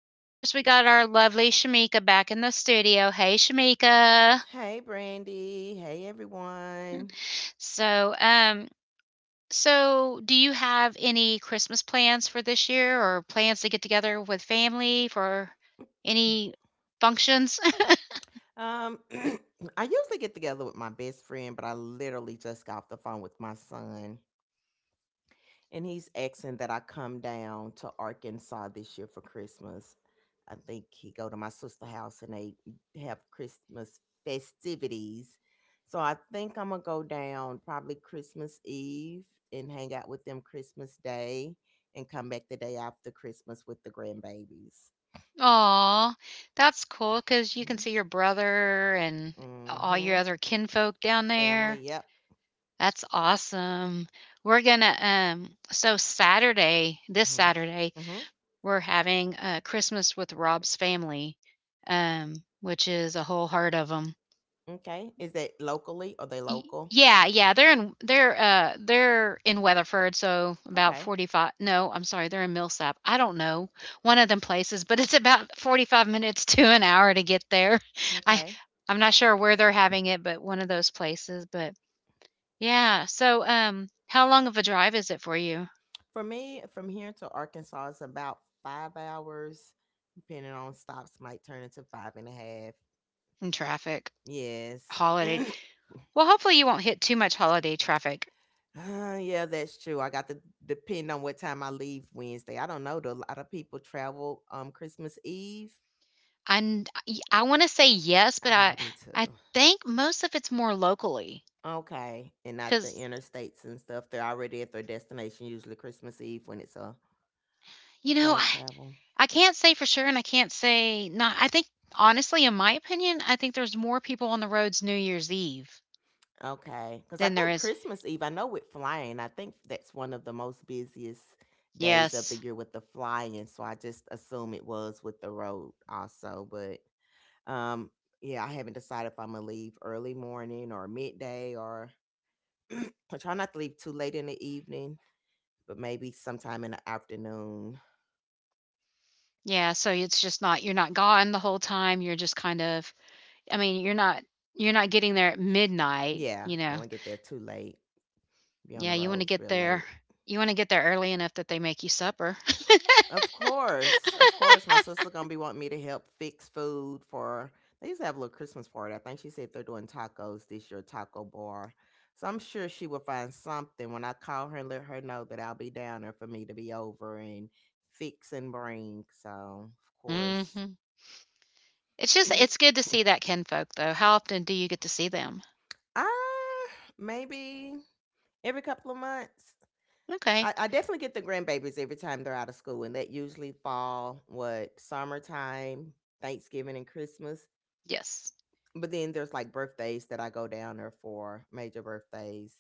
And of course, we got our lovely Shamika back in the studio. Hey, Shamika. Hey, Brandy. Hey, everyone. So, um, So, do you have any Christmas plans for this year or plans to get together with family for any functions? Um, I usually get together with my best friend, but I literally just got off the phone with my son, and he's asking that I come down to Arkansas this year for Christmas. I think he go to my sister's house and they have Christmas festivities. So I think I'm gonna go down probably Christmas Eve and hang out with them Christmas Day and come back the day after Christmas with the grandbabies. Aw, that's cool because you can Mm-hmm. see your brother and all Mm-hmm. your other kinfolk down Family. there. Yep. That's awesome. We're gonna, so Saturday, this Mm-hmm. Saturday, Mm-hmm. we're having Christmas with Rob's family, which is a whole heart of 'em. Okay. Is that locally? Are they Y- local? yeah, yeah, they're in they're they're in Weatherford, so about Okay. 45, no, I'm sorry, they're in Millsap. I don't know. One of them places, but it's about 45 minutes to an hour to get there. I Okay. I'm not sure where they're having it, but one of those places, but yeah. So, how long of a drive is it for you For me, from here to Arkansas is about 5 hours, depending on stops, might turn into five and a half. in traffic? Yes. Holiday. Well, hopefully you won't hit too much holiday traffic. Yeah, that's true. I got to depend on what time I leave Wednesday. I don't know. Do a lot of people travel Christmas Eve? I n- I want to say yes, but I will I do I too. think most of it's more locally, Okay, and not the because interstates and stuff. They're already at their destination usually Christmas Eve when it's a you know, far I travel. I can't say for sure, and I can't say not. I think honestly, in my opinion, I think there's more people on the roads New Year's Eve Okay, because I than there think is. Christmas Eve I know with flying, I think that's one of the most busiest days of the Yes. year with the flying, so I just assume it was with the road also, but, um, yeah, I haven't decided if Imma leave early morning or midday or I try not to leave too late in the evening, but maybe sometime in the afternoon. Yeah, so it's just not, you're not gone the whole time, you're just kind of, I mean, you're not getting there at midnightYeah, don't wanna get there too late, be on Yeah, the you wanna roads get real there late. you wanna get there early enough that they make you supper. Of course, my sister gonna be wanting me to help fix food for. They used to have a little Christmas party. I think she said they're doing tacos this year, taco bar. So I'm sure she will find something when I call her and let her know that I'll be down there for me to be over and fix and bring. So of course, Mhm. It's good to see that kinfolk, though. How often do you get to see them? ah, maybe every couple of months. Okay. I definitely get the grandbabies every time they're out of school, and that usually fall what summertime, Thanksgiving, and Christmas. Yes. But then there's like birthdays that I go down there for major birthdays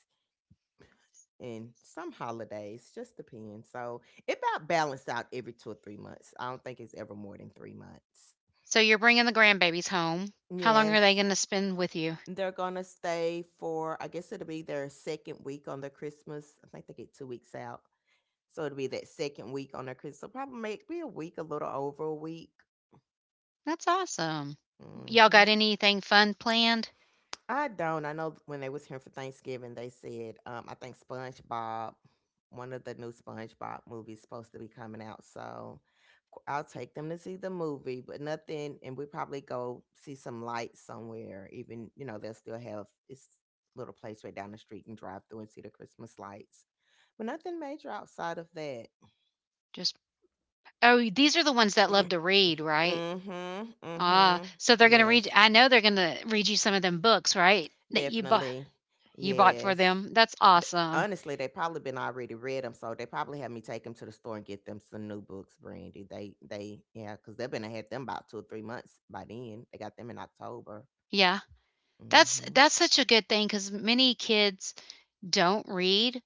and some holidays, just depends. So it about balance out every 2 or 3 months. I don't think it's ever more than 3 months. So you're bringing the grandbabies home. How long are they Yes. gonna spend with you? They're gonna stay for I guess it'll be their second week on their Christmas. I think they get 2 weeks out. So it'll be that second week on their Christmas. So probably maybe a week, a little over a week. That's awesome. Y'all got Hmm. anything fun planned? I don't. I know when they was here for Thanksgiving, they said I think SpongeBob, one of the new SpongeBob movies, supposed to be coming out. So I'll take them to see the movie, but nothing. And we probably go see some lights somewhere. Even you know they'll still have this little place right down the street and drive through and see the Christmas lights, but nothing major outside of that. Just Oh, these are the ones that love to read, right? Mm-hmm. Ah, Mm-hmm. so they're gonna read Yes, I know they're gonna read you some of them books, right? That you bought definitely. you bought for Yes. them. That's Th- awesome. honestly, they probably been already read them, so they probably had me take them to the store and get them some new books, Brandy. Yeah, because they've been had them about 2 or 3 months by then. They got them in October. Yeah. That's Mm-hmm. that's such a good thing because many kids don't read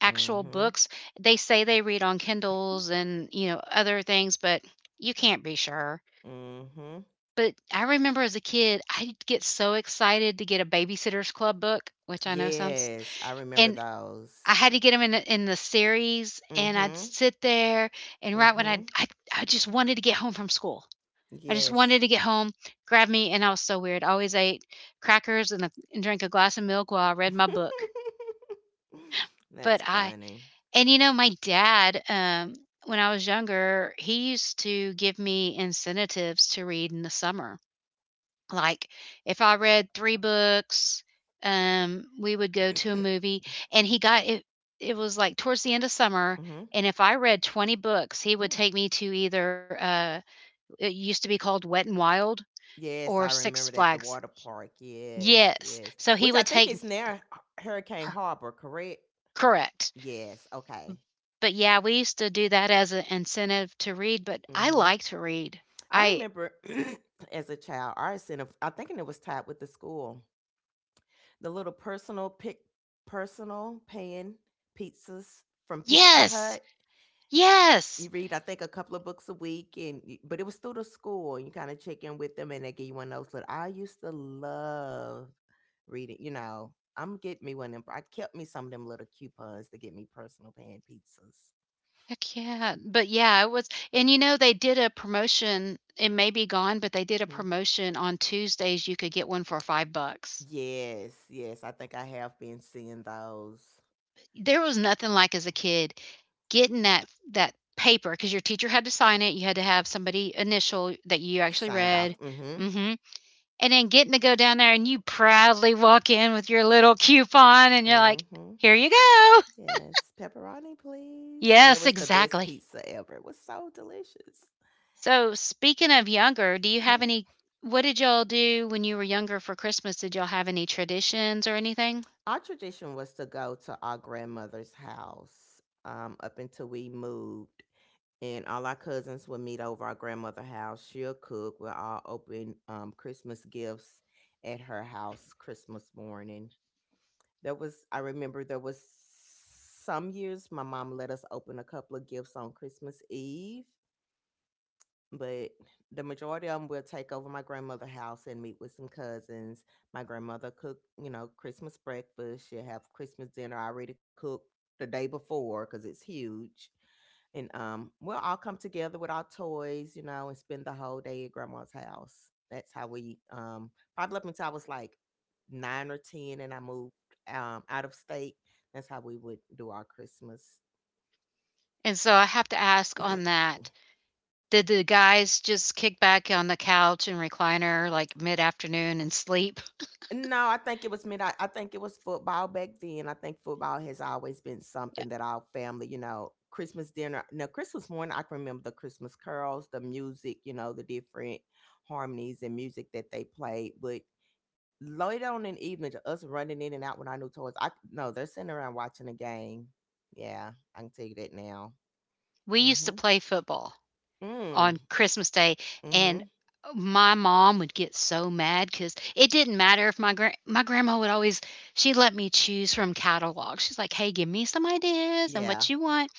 actual Mm-hmm. books. They say they read on Kindles and other things, but you can't be sure. Mm-hmm. But I remember as a kid, I'd get so excited to get a Babysitters Club book, which I know sounds, Yes, I remember and those. I had to get them in the series, and I'd Mm-hmm. sit there, and right when Mm-hmm. I just wanted to get home from school. I just Yes. wanted to get home, grab me, and I was so weird. I always ate crackers and a and drank a glass of milk while I read my book. But That's I funny. and, you know, my dad, when I was younger, he used to give me incentives to read in the summer. Like, if I read three books, we would go to a movie, and he got it it was, like, towards the end of summer, Mm-hmm. and if I read 20 books, he would Mm. take me to either, it used to be called Wet and Wild or Yes, I Six remember at the Flags. water park. Yes, Yes. yes. So he Which I would think take is near Hurricane her. Harbor, correct? Correct. Yes. Okay. But, yeah, we used to do that as an incentive to read, but I Mhm. like to read. I I remember as a child, our incentive. I think it was tied with the school. The little personal pan pizzas from Pizza Yes! Hut. You Yes! read, I think, a couple of books a week, and but it was through the school, and you kind of check in with them, and they give you one of those. Little, I used to love reading. I'm getting me one of them. I kept me some of them little coupons to get me personal pan pizzas. Heck yeah. But yeah, it was and you know, they did a promotion, it may be gone, but they did a Mhm. promotion on Tuesdays, you could get one for $5. Yes, yes, I think I have been seeing those There was nothing like, as a kid, getting that paper because your teacher had to sign it, you had to have somebody initial that you actually signed off. read. Mm-hmm. Mhm. And then getting to go down there, and you proudly walk in with your little coupon and you're like, Mm-hmm. "Here you go." Yes, pepperoni, please. And it Yes, was the best exactly. pizza ever. It was so delicious. So, speaking of younger, do you Mm-hmm. have any what did y'all do when you were younger for Christmas? Did y'all have any traditions or anything? Our tradition was to go to our grandmother's house up until we moved. And all our cousins would meet over our grandmother's house. She'll cook. We'll all open Christmas gifts at her house Christmas morning. I remember there was some years my mom let us open a couple of gifts on Christmas Eve, but the majority of them will take over my grandmother's house and meet with some cousins. My grandmother cooked, Christmas breakfast. She'll have Christmas dinner already cooked the day before because it's huge. And we'll all come together with our toys, and spend the whole day at grandma's house. That's how we probably up until I was like 9 or 10 and I moved out of state. That's how we would do our Christmas. And so I have to ask on that. Did the guys just kick back on the couch and recliner like mid afternoon and sleep? No, I think it was football back then. I think football has always been something that our family, Christmas dinner. Now, Christmas morning, I can remember the Christmas curls, the music, the different harmonies and music that they played. But later on in the evening, to us running in and out with our new toys, I no, they're sitting around watching a game. Yeah, I can tell you that now. We used to Mm-hmm. play football on Mm. Christmas Day, and Mm-hmm. my mom would get so mad because it didn't matter. If my grandma, would always she let me choose from catalogs. She's like, "Hey, give me some ideas and Yeah. what you want."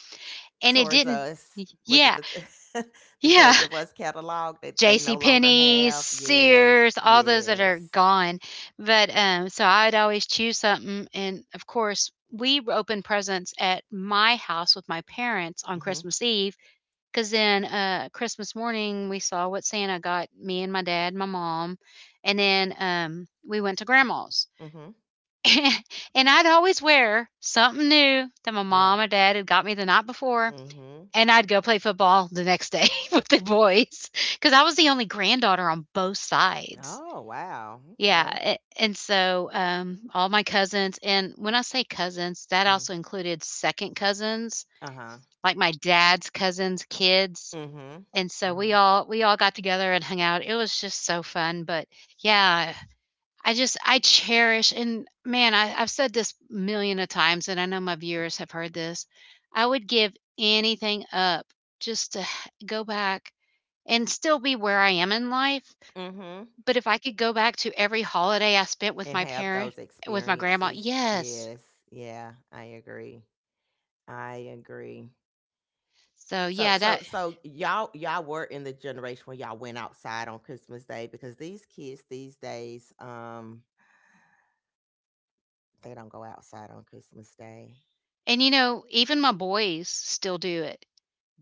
and it Towards didn't us. Was Yeah, it the the yeah. Towards of Us catalog that they JC no longer Penney, have? Yes, Sears, all those that yes. are gone, but so I'd always choose something, and of course we opened presents at my house with my parents on Mhm, Christmas Eve, because then Christmas morning, we saw what Santa got me and my dad and my mom, and then we went to grandma's. mhm. And I'd always wear something new that my Yeah. mom or dad had got me the night before, Mhm. and I'd go play football the next day with the boys because I was the only granddaughter on both sides. Oh wow. Yeah, Okay. And so all my cousins, and when I say cousins, that Mhm. also included second cousins, Uh huh. like my dad's cousins' kids. Mhm. And so we Mhm. all we all got together and hung out. It was just so fun. But yeah, I cherish, and man, I've said this million of times, and I know my viewers have heard this. I would give anything up just to go back and still be where I am in life. Mhm. But if I could go back to every holiday I spent with And my have parent, those with my grandma, experiences. yes. Yes. Yeah. I agree. I agree. So So yeah, so that so y'all were in the generation when y'all went outside on Christmas Day because these kids these days. They don't go outside on Christmas Day, and even my boys still do it.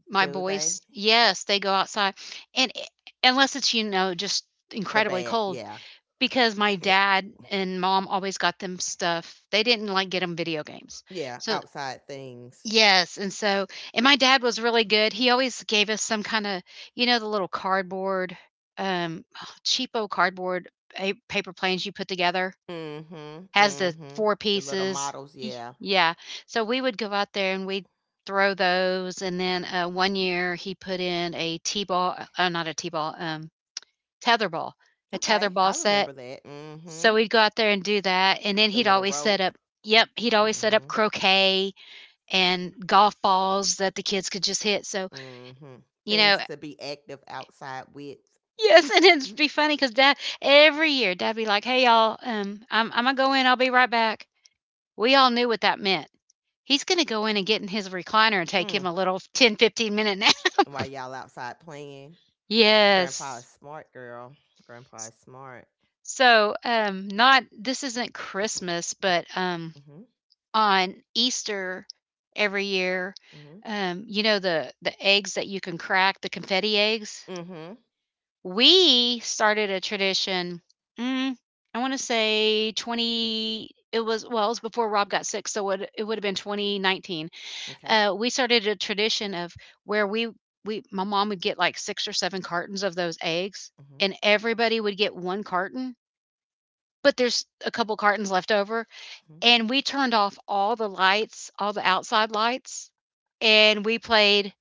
My do they? boys, yes, they go outside, and unless it's just The incredibly bad, cold. yeah, Because my dad and mom always got them stuff, they didn't, like, get them video games. yeah, So outside things. yes, and so, and my dad was really good, he always gave us some kinda, the little cardboard, um, cheapo cardboard pa paper planes you put together? Mm-hmm, Has the mm-hmm. four The little pieces. models, Ye yeah. Yeah. So we would go out there and we'd throw those, and then, one year he put in a T-ball, not a T-ball, tether ball, a tether Okay, I ball set, remember that. Mm-hmm. so we'd go out there and do that, and then The he'd little always set rope. up. Yep, he'd always set up Mm-hmm, croquet and golf balls that the kids could just hit, so, mm-hmm. you know Things to be active outside with. Yes, and it'd be funny because dad every year, dad'd be like, "Hey, y'all, I'm Imma go in, I'll be right back." We all knew what that meant. He's gonna go in and get in his recliner and take him Mm. a little 10, 15-minute nap. While y'all outside playing, Grandpa is Yes. smart, girl. Grandpa is smart. So, not this isn't Christmas, but, on Easter every year, Mm-hmm, the eggs that you can crack, the confetti eggs? mm-hmm, mm-hmm. We started a tradition, mm, I wanna say 20, it was well, it was before Rob got sick, so it would've been 2019. Okay. We started a tradition of where we my mom would get, like, six or seven cartons of those eggs, Mm-hmm. and everybody would get one carton, but there's a couple cartons left over. Mm-hmm. And we turned off all the lights, all the outside lights, and we played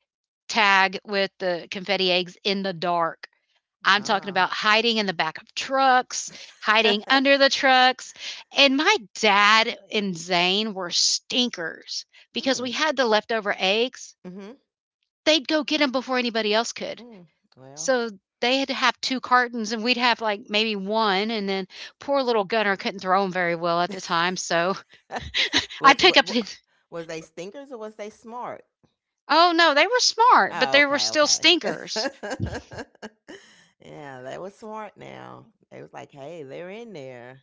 tag with the confetti eggs in the dark. I'm talking Ah. about hiding in the back of trucks, hiding under the trucks. And my dad and Zane were stinkers because Mm. we had the leftover eggs. Mm-hmm. They'd go get them before anybody else could. Mm. Well, So they had to have two cartons, and we'd have like maybe one. And then poor little Gunner couldn't throw them very well at the time. So I'd was pick up was his was they stinkers or was they smart? Oh no, they were smart, but Oh, they were okay, still okay. stinkers. Yeah, they was smart now. They was like, "Hey, they're in there."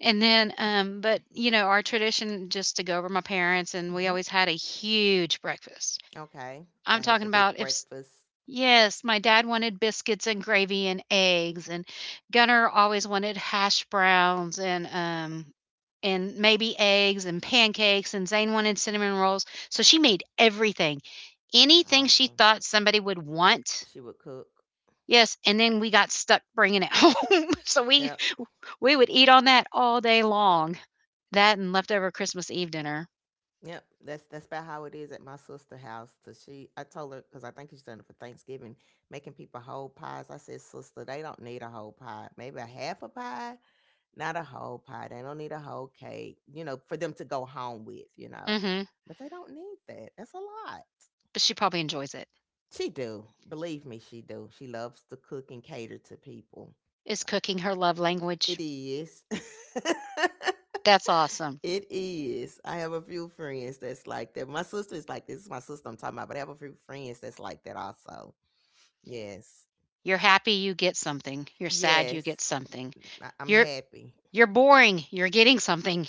And then, our tradition just to go over my parents, and we Mhm. always had a huge breakfast. Okay. I I'm had the talking big about if s- breakfast. Yes, my dad wanted biscuits and gravy and eggs, and Gunnar always wanted hash browns and and maybe eggs and pancakes, and Zane wanted cinnamon rolls. So she made everything, anything she Awesome. thought somebody would want. She would cook. Yes, and then we got stuck bringing it home. So we Yep. We would eat on that all day long. That and leftover Christmas Eve dinner. Yep. That's about how it is at my sister' house. Cause she, I told her because I think she's done it for Thanksgiving, making people whole pies. I said, sister, they don't need a whole pie. Maybe a half a pie. Not a whole pie. They don't need a whole cake, for them to go home with. Mhm. But they don't need that. That's a lot. But she probably enjoys it. She do. Believe me, she do. She loves to cook and cater to people. Is cooking her love language? It is. That's awesome. It is. I have a few friends that's like that. My sister is like this. This is my sister I'm talking about, but I have a few friends that's like that also. Yes. You're happy you get something. You're sad you Yes. get something. I'm You're happy. you're boring, you're getting something.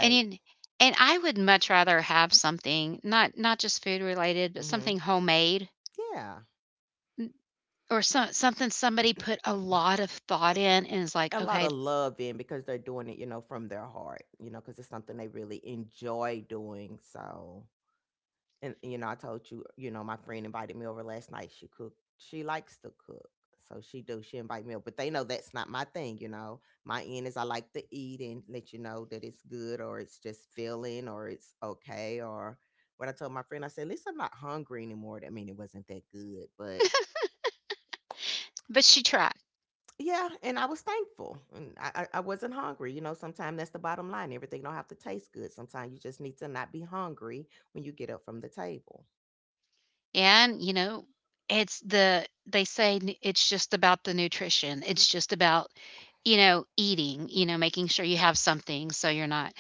And in and I would much rather have something, not just food related, but Mm-hmm. something homemade Yeah. or something somebody put a lot of thought in and is like, a lot "Okay, of love in because they're doing it, from their heart, because it's something they really enjoy doing. So, and I told you, my friend invited me over last night. She cooked. She likes to cook, so she do. She invite me over, but they know that's not my thing. My end is I like to eat and let you know that it's good or it's just filling or it's okay or. What I told my friend, I said, at least I'm not hungry anymore. I mean, it wasn't that good, but. but she tried. Yeah, and I was thankful. And I wasn't hungry. Sometimes that's the bottom line. Everything don't have to taste good. Sometimes you just need to not be hungry when you get up from the table. And, you know, it's the they say it's just about the nutrition. It's just about, eating, making sure you have something so you're not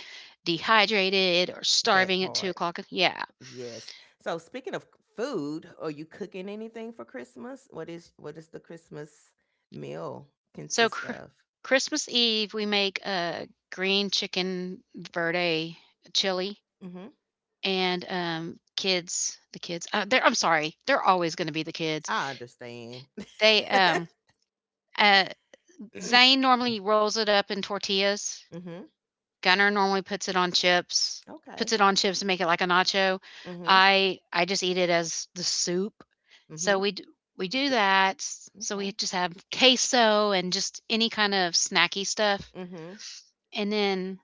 dehydrated or That starving at two part. o'clock. Yeah. Yes. So speaking of food, are you cooking anything for Christmas? What is the Christmas meal So consist of? Christmas Eve, we make a green chicken verde chili Mm-hmm. and kids, they're, I'm sorry, they're always going to be the kids. I understand. They uh Zane normally rolls it up in tortillas. Mm-hmm. Gunner normally puts Okay. it on chips to make it like a nacho. Mm-hmm. I just eat it as the soup. So Mm-hmm. we d we do D- that, so okay. we just have queso and just any kind of snacky stuff, Mm-hmm. and then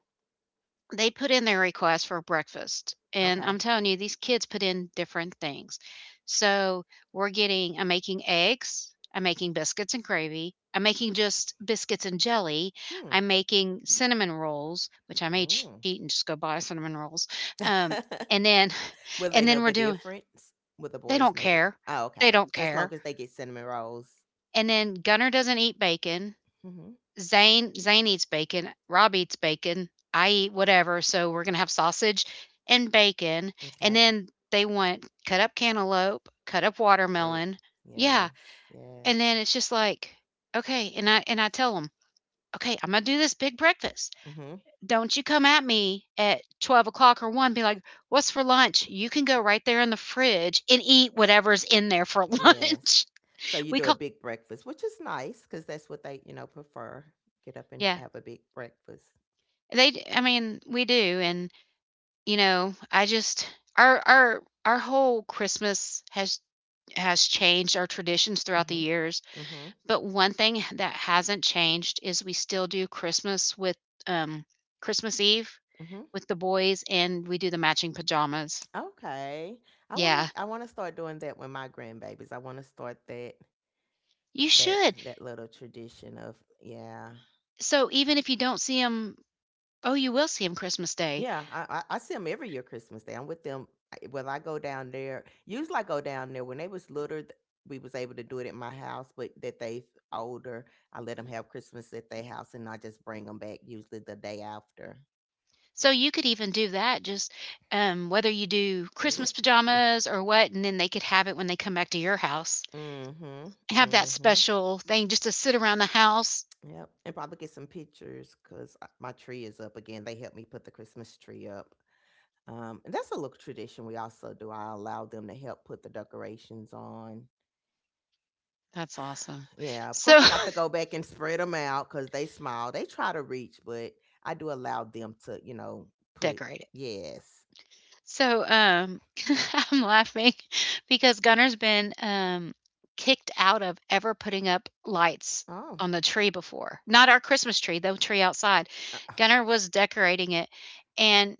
they put in their request for breakfast, and I'm Okay. telling you, these kids put in different things. So we're getting, I'm making eggs, I'm making biscuits and gravy, I'm making just biscuits and jelly, I'm making cinnamon rolls, which I may cheat Hmm. and just go buy cinnamon rolls. Um, Mm. and then, Will and they then know we're the doing, difference? Will the they boys don't know the? care. Oh, They okay. don't Just care. long as they get cinnamon rolls. And then Gunner doesn't eat bacon. Hmm. Zane eats bacon, Rob eats bacon, I eat whatever, so we're gonna have sausage and bacon, and Okay. then they want cut up cantaloupe, cut up Fruit. watermelon, yeah, Yes. and Yes. then it's just like, okay, and I tell them, okay, I'm gonna do this big breakfast. Hmm. Don't you come at me at 12 o'clock or 1, be like, what's for lunch? You can go right there in the fridge and eat whatever's in there for Yes. lunch. So you We do a call, big breakfast, which is nice because that's what they prefer. Get up and yeah, have a big breakfast. they, I mean, we do, and you know, I just our whole Christmas has changed our traditions throughout the Hmm. years, Hmm. but one thing that hasn't changed is we still do Christmas with um Christmas Eve Hmm. with the boys, and we do the matching pajamas. Okay. I wanna Yeah, I wanna start doing that with my grandbabies. I wanna start that you that should. that little tradition of. Yeah. So even if you don't see them, oh, you will see them Christmas Day. Yeah, I see them every year Christmas Day. I'm with them when I go down there. Usually I go down there when they was littler. We was able to do it at my house, but that they older, I let them have Christmas at their house, and I just bring them back usually the day after. So you could even do that, just whether you do Christmas pajamas or what, and then they could have it when they come back to your house. Mm-hmm. Have that Mm-hmm. special thing just to sit around the house. Yep. And probably get some pictures because my tree is up again. They helped me put the Christmas tree up. And that's a little tradition we also do. I allow them to help put the decorations on. That's awesome. Yeah, of course So I got to go back and spread them out because they small. They try to reach, but I do allow them to, put, decorate it. yes. So, I'm laughing because Gunner's been, kicked out of ever putting up lights Oh. on the tree before. Not our Christmas tree, the tree outside. Uh, Gunner was decorating it, and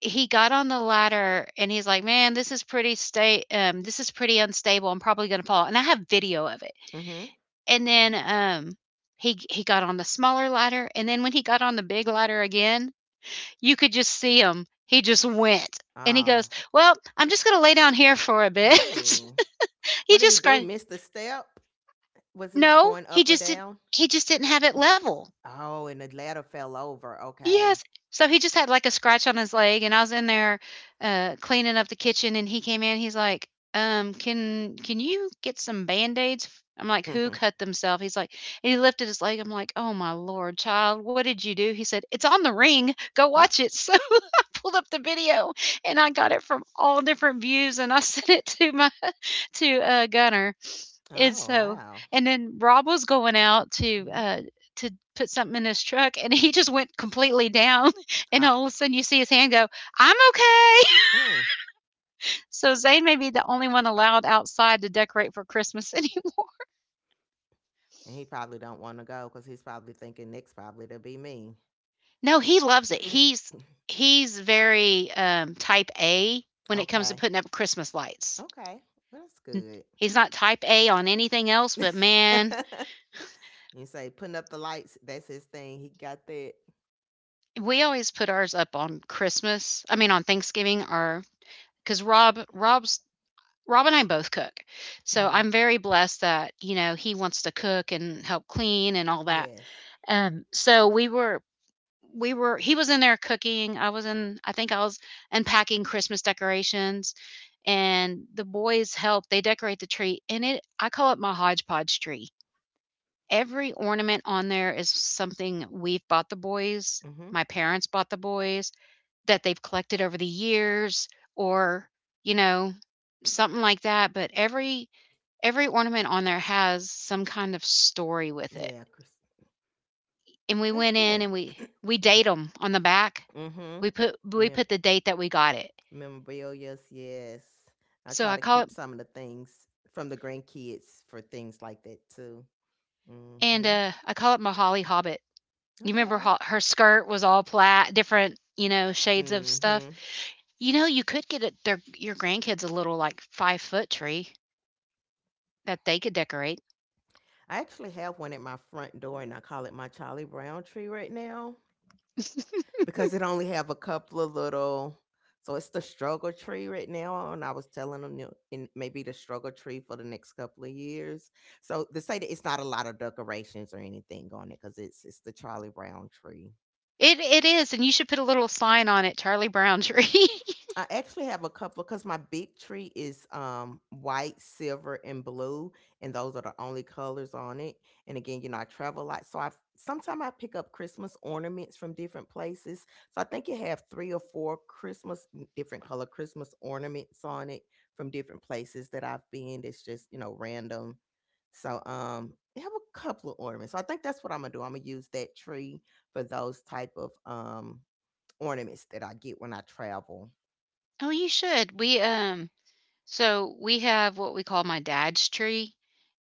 he got on the ladder, and he's like, "Man, this is pretty unstable. I'm probably gonna fall." And I have video of it. mm-hmm. And then, he got on the smaller ladder, and then when he got on the big ladder again, you could just see him. He just went, and he goes, Oh. "Well, I'm just gonna lay down here for a bit." Ooh. He What did he just do? cried. Missed a step? Was he No, going up or down? he just didn't have it level. Oh, and the ladder fell over. Yes. Okay. So he just had like a scratch on his leg, and I was in there, cleaning up the kitchen, and he came in. He's like, "Can you get some band aids?" I'm like, "Who cut themselves?" He's like, and he lifted his leg. I'm like, "Oh my lord, child, what did you do?" He said, "It's on the ring. Go Uh, watch it." So I pulled up the video, and I got it from all different views, and I sent it to my to Gunner, and oh, so wow. and then Rob was going out to, Mm-hmm. uh to put something in his truck, and he just went completely down, and Uh, all of a sudden you see his hand go, "I'm okay." mm. So Zane may be the only one allowed outside to decorate for Christmas anymore. And he probably don't want to go because he's probably thinking next probably to be me. No, he loves it. He's very, type A when it comes to Okay. putting up Christmas lights. Okay. Well, that's good. He's not type A on anything else, but man, You say putting up the lights, that's his thing. He got that. we always put ours up on Christmas, I mean, on Thanksgiving, or because Rob and I both cook. So Hmm. I'm very blessed that, you know, he wants to cook and help clean and all that. Yes. So we were he was in there cooking. I think I was unpacking Christmas decorations, and the boys help. They decorate the tree, and it I call it my hodgepodge tree. Every ornament on there is something we've bought the boys, Hmm. my parents bought the boys, that they've collected over the years, or, you know, something like that, but every ornament on there has some kind of story with it. Yeah, Chris. And we That's went in, good. and we date them on the back. mm hmm We put For we mem- put the date that we got it. memorabilia, yes. I So try I to call it keep some of the things from the grandkids for things like that too. Mm and hmm I call it my Holly Hobbit. You remember, Okay. Her skirt was all plaid, different, shades of mm stuff. hmm You know, you could get it, their your grandkids, a little like 5-foot tree that they could decorate. I actually have one at my front door and I call it my Charlie Brown tree right now, because it only have a couple of little, so it's the struggle tree right now, and I was telling them, you know, and maybe the struggle tree for the next couple of years. So they say that it's not a lot of decorations or anything on it because it's the Charlie Brown tree. It is, and you should put a little sign on it, Charlie Brown tree. I actually have a couple because my big tree is white, silver, and blue, and those are the only colors on it. And again, you know, I travel a lot, so I sometimes I pick up Christmas ornaments from different places. So I think you have three or four Christmas different color Christmas ornaments on it from different places that I've been. That's just, you know, random. So I have a couple of ornaments. So I think that's what I'm gonna do. I'm gonna use that tree for those type of ornaments that I get when I travel. Oh, you should. We So we have what we call my dad's tree,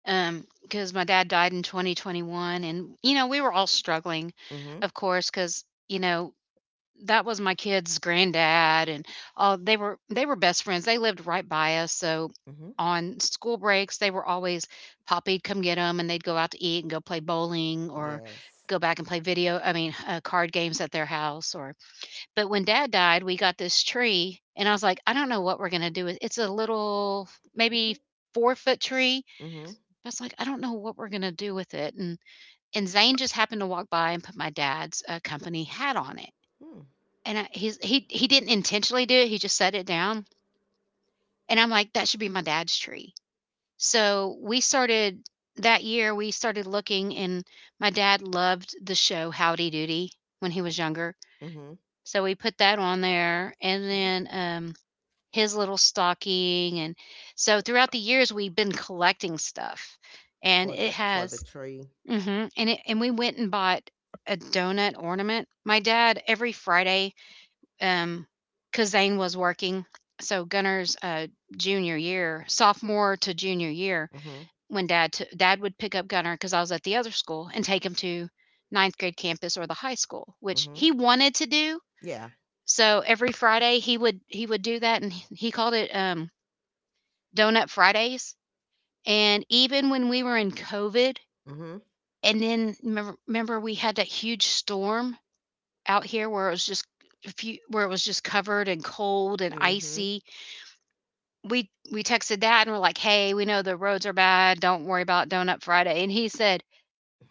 because my dad died in 2021, and you know we were all struggling, Mhm. of course, because you know that was my kid's granddad, and all they were best friends. They lived right by us, so Mhm. on school breaks, they were always Poppy'd come get them, and they'd go out to eat and go play bowling or Yes. go back and play video. I mean, card games at their house, or but when dad died, we got this tree, and I was like, "I don't know what we're gonna do with It's a little, maybe 4-foot tree. Mhm. I was like, "I don't know what we're gonna do with it," and Zane just happened to walk by and put my dad's, company hat on it, Hmm. and I he's he didn't intentionally do it, he just set it down, and I'm like, "That should be my dad's tree." So, we started that year, we started looking, and my dad loved the show Howdy Doody when he was younger, Mhm. so we put that on there, and Okay. then, his little stocking, and so throughout the years we've been collecting stuff, and it For the has, tree. mhm, and we went and bought a donut ornament. My dad, every Friday, um because Zane was working, so Gunner's, junior year, sophomore to junior year, Mhm. when dad would pick up Gunner because I was at the other school, and take him to ninth grade campus or the high school, which Mhm. he wanted to do. Yeah. So every Friday, he would, do that, and he called it, donut Fridays. And even when we were in COVID, Mhm. and then, remember, we had that huge storm out here where it was just, covered and cold and Mhm. icy. We texted that, and we're like, "Hey, we know the roads are bad. Don't worry about Donut Friday." And he said,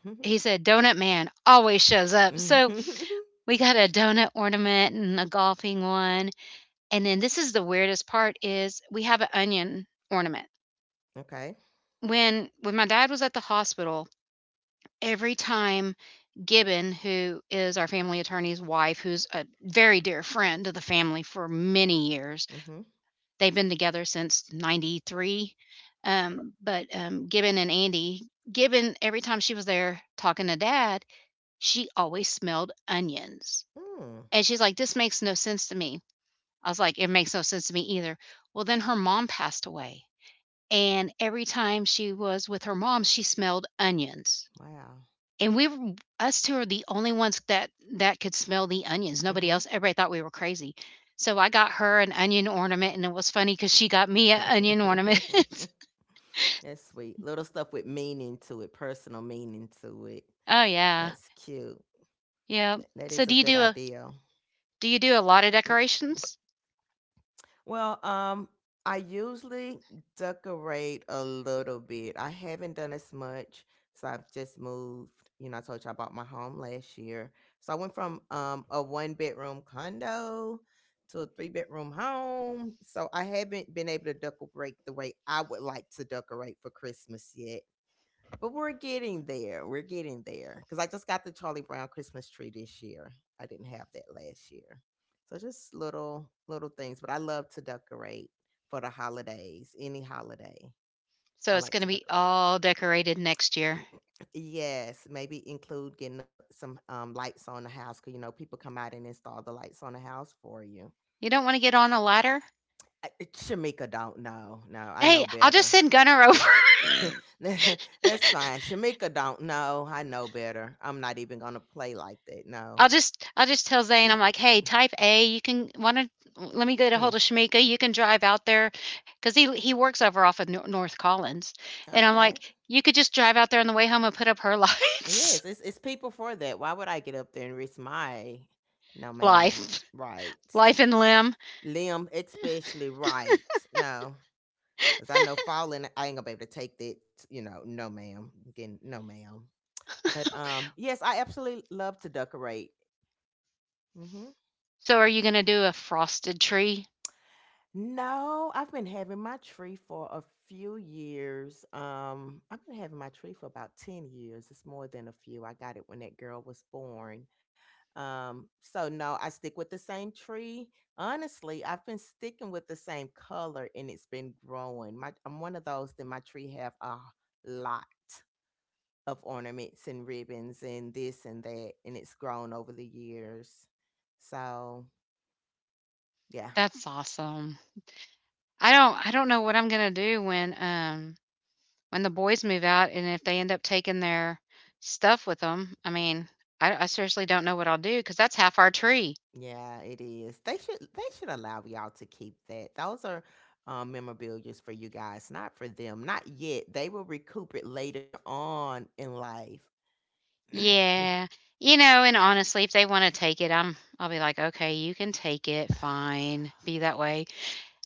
Mhm. "Donut Man always shows up." Mhm. So we got a donut ornament and a golfing one. And then this is the weirdest part, is we have an onion ornament. Okay. When my dad was at the hospital, every time Gibbon, who is our family attorney's wife, who's a very dear friend of the family for many years, Mhm. they've been together since 93. But Gibbon and Andy, Gibbon, every time she was there talking to dad, she always smelled onions. Mm. And she's like, this makes no sense to me. I was like, it makes no sense to me either. Well, then her mom passed away. And every time she was with her mom, she smelled onions. Wow. And we were us 2 are the only ones that could smell the onions. Nobody Mhm. else everybody thought we were crazy. So I got her an onion ornament, and it was funny because she got me an onion ornament. That's sweet. Little stuff with meaning to it, personal meaning to it. Oh, yeah. That's cute. Yep. That So is a good idea. do you do a lot of decorations? Well, I usually decorate a little bit. I haven't done as much, so I've just moved. You know, I told you I bought my home last year, so I went from a one bedroom condo to a three-bedroom home. So I haven't been able to decorate the way I would like to decorate for Christmas yet. But we're getting there. We're getting there. Because I just got the Charlie Brown Christmas tree this year. I didn't have that last year. So just little things. But I love to decorate for the holidays. Any holiday. So I it's like gonna to be decorate. all decorated next year. Yes, maybe include getting some lights on the house because you know people come out and install the lights on the house for you. You don't wanna get on a ladder? Shamika don't know. No, I know Hey, I'll just better. send Gunner over. That's fine. Shamika don't know. I know better. I'm not even gonna play like that. No. I'll just I'll just tell Zane, I'm like, "Hey, type A, you can wanna let me get a Hmm. hold of Shamika. You can drive out there because he works over off of North Collins, and I'm Okay. like, you could just drive out there on the way home and put up her lights, Yes, it's people for that. Why would I get up there and risk my, no ma'am. life, Right. life and limb. Limb especially, right. No. Cause I know falling, I ain't gonna be able to take that, you know, no ma'am. Again, no ma'am. But yes, I absolutely love to decorate. Mm-hmm. So are you gonna do a frosted tree? No, I've been having my tree for a few years. I've been having my tree for about 10 years. It's more than a few. I got it when that girl was born. So no, I stick with the same tree. Honestly, I've been sticking with the same color and it's been growing. My I'm one of those that my tree have a lot of ornaments and ribbons and this and that, and it's grown over the years. So yeah. That's awesome. I don't know what I'm gonna do when the boys move out and if they end up taking their stuff with them. I mean, I seriously don't know what I'll do, because that's half our tree. Yeah, it is. They should allow y'all to keep that. Those are memorabilias for you guys, not for them. Not yet. They will recoup it later on in life. Yeah. You know, and honestly, if they wanna take it, I'll be like, "Okay, you can take it, fine, be that way."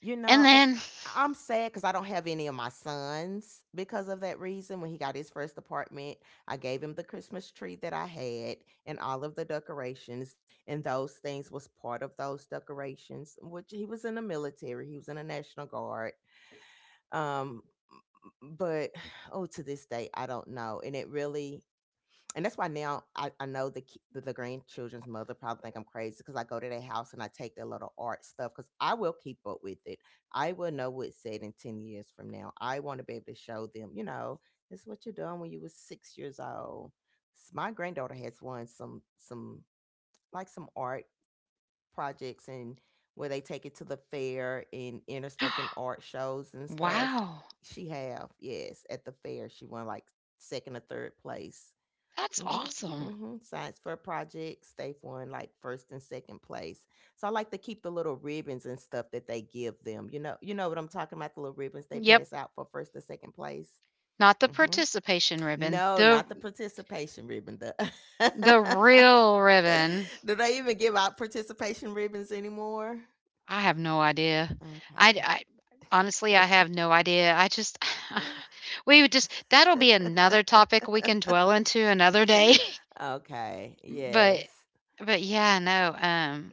You And know, then I'm sad because I don't have any of my sons because of that reason. When he got his first apartment, I gave him the Christmas tree that I had and all of the decorations, and those things was part of those decorations, which he was in the military, he was in the National Guard. Um, but oh, to this day I don't know, and it really, and that's why now I know the, the grandchildren's mother probably think I'm crazy because I go to their house and I take their little art stuff because I will keep up with it. I will know what's said in 10 years from now. I want to be able to show them, you know, this is what you're doing when you were 6 years old. My granddaughter has won some like some art projects, and where they take it to the fair and enter stuff in art shows and stuff. wow, She have, yes, at the fair. She won like second or third place. that's Mhm. awesome. Mhm. Science fair projects. They've won like first and second place. So I like to keep the little ribbons and stuff that they give them. You know. You know what I'm talking about. The little ribbons they Yep, pass out for first and second place. not the Mm-hmm. participation ribbon, No, the not the participation ribbon. The the real ribbon. Do they even give out participation ribbons anymore? I have no idea. I Okay. I honestly, I have no idea. I just, we would just that'll be another topic we can dwell into another day. Okay. But Yes. but yeah, no,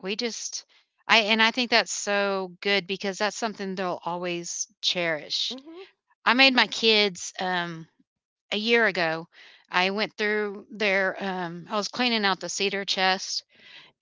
We just I and I think that's so good, because that's something they'll always cherish. Mhm. I made my Mhm. kids, a year ago, I went through their, I was cleaning out the cedar chest,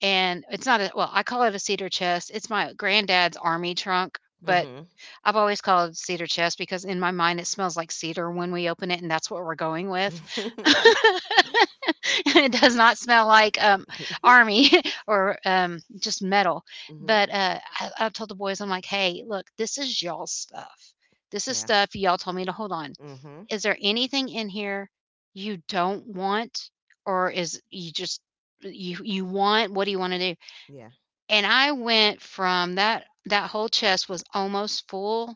and it's not a, well, I call it a cedar chest. It's my granddad's army trunk, but Mhm. I've always called it cedar chest because in my mind, it smells like cedar when we open it, and that's what we're going with. It does not smell like, army, or just metal. Mhm. But I told the boys, I'm like, "Hey, look, this is y'all stuff. This is Yeah. stuff y'all told me to hold on. Mhm. Is there anything in here you don't want, or is you just, you want? What do you want to do?" Yeah. And I went from, that whole chest was almost full,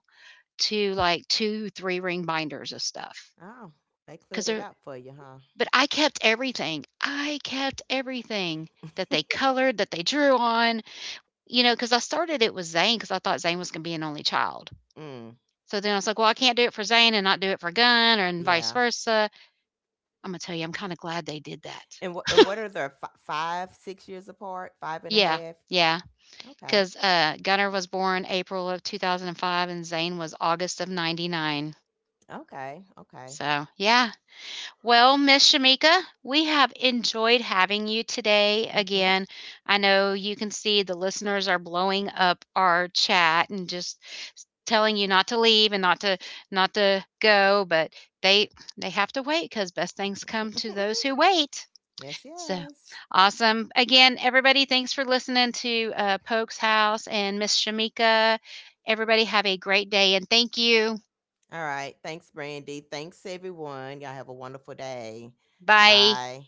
to like two three ring binders of stuff, Oh, they cleared because it up for you, huh? but I kept everything. I kept everything that they colored, that they drew on, you know, because I started it with Zane, because I thought Zane was gonna be an only child. Mm. So then I was like, well, I can't do it for Zane and not do it for Gunn, or and vice Yeah. versa. I'm gonna tell you, I'm kind of glad they did that. And and what are the five, 6 years apart? Five and a Yeah, half. yeah, Okay. because Gunner was born April of 2005 and Zane was August of 99. Okay. Okay. So yeah. Well, Miss Shamika, we have enjoyed having you today Hmm. again. I know you can see the listeners are blowing up our chat and just telling you not to leave and not to, go, but they they have to wait, cuz best things come to those who wait. Yes, So, yes. awesome. Again, everybody, thanks for listening to, Poke's House and Miss Shamika. Everybody have a great day, and thank you. All right. Thanks, Brandy. Thanks, everyone. Y'all have a wonderful day. Bye. Bye.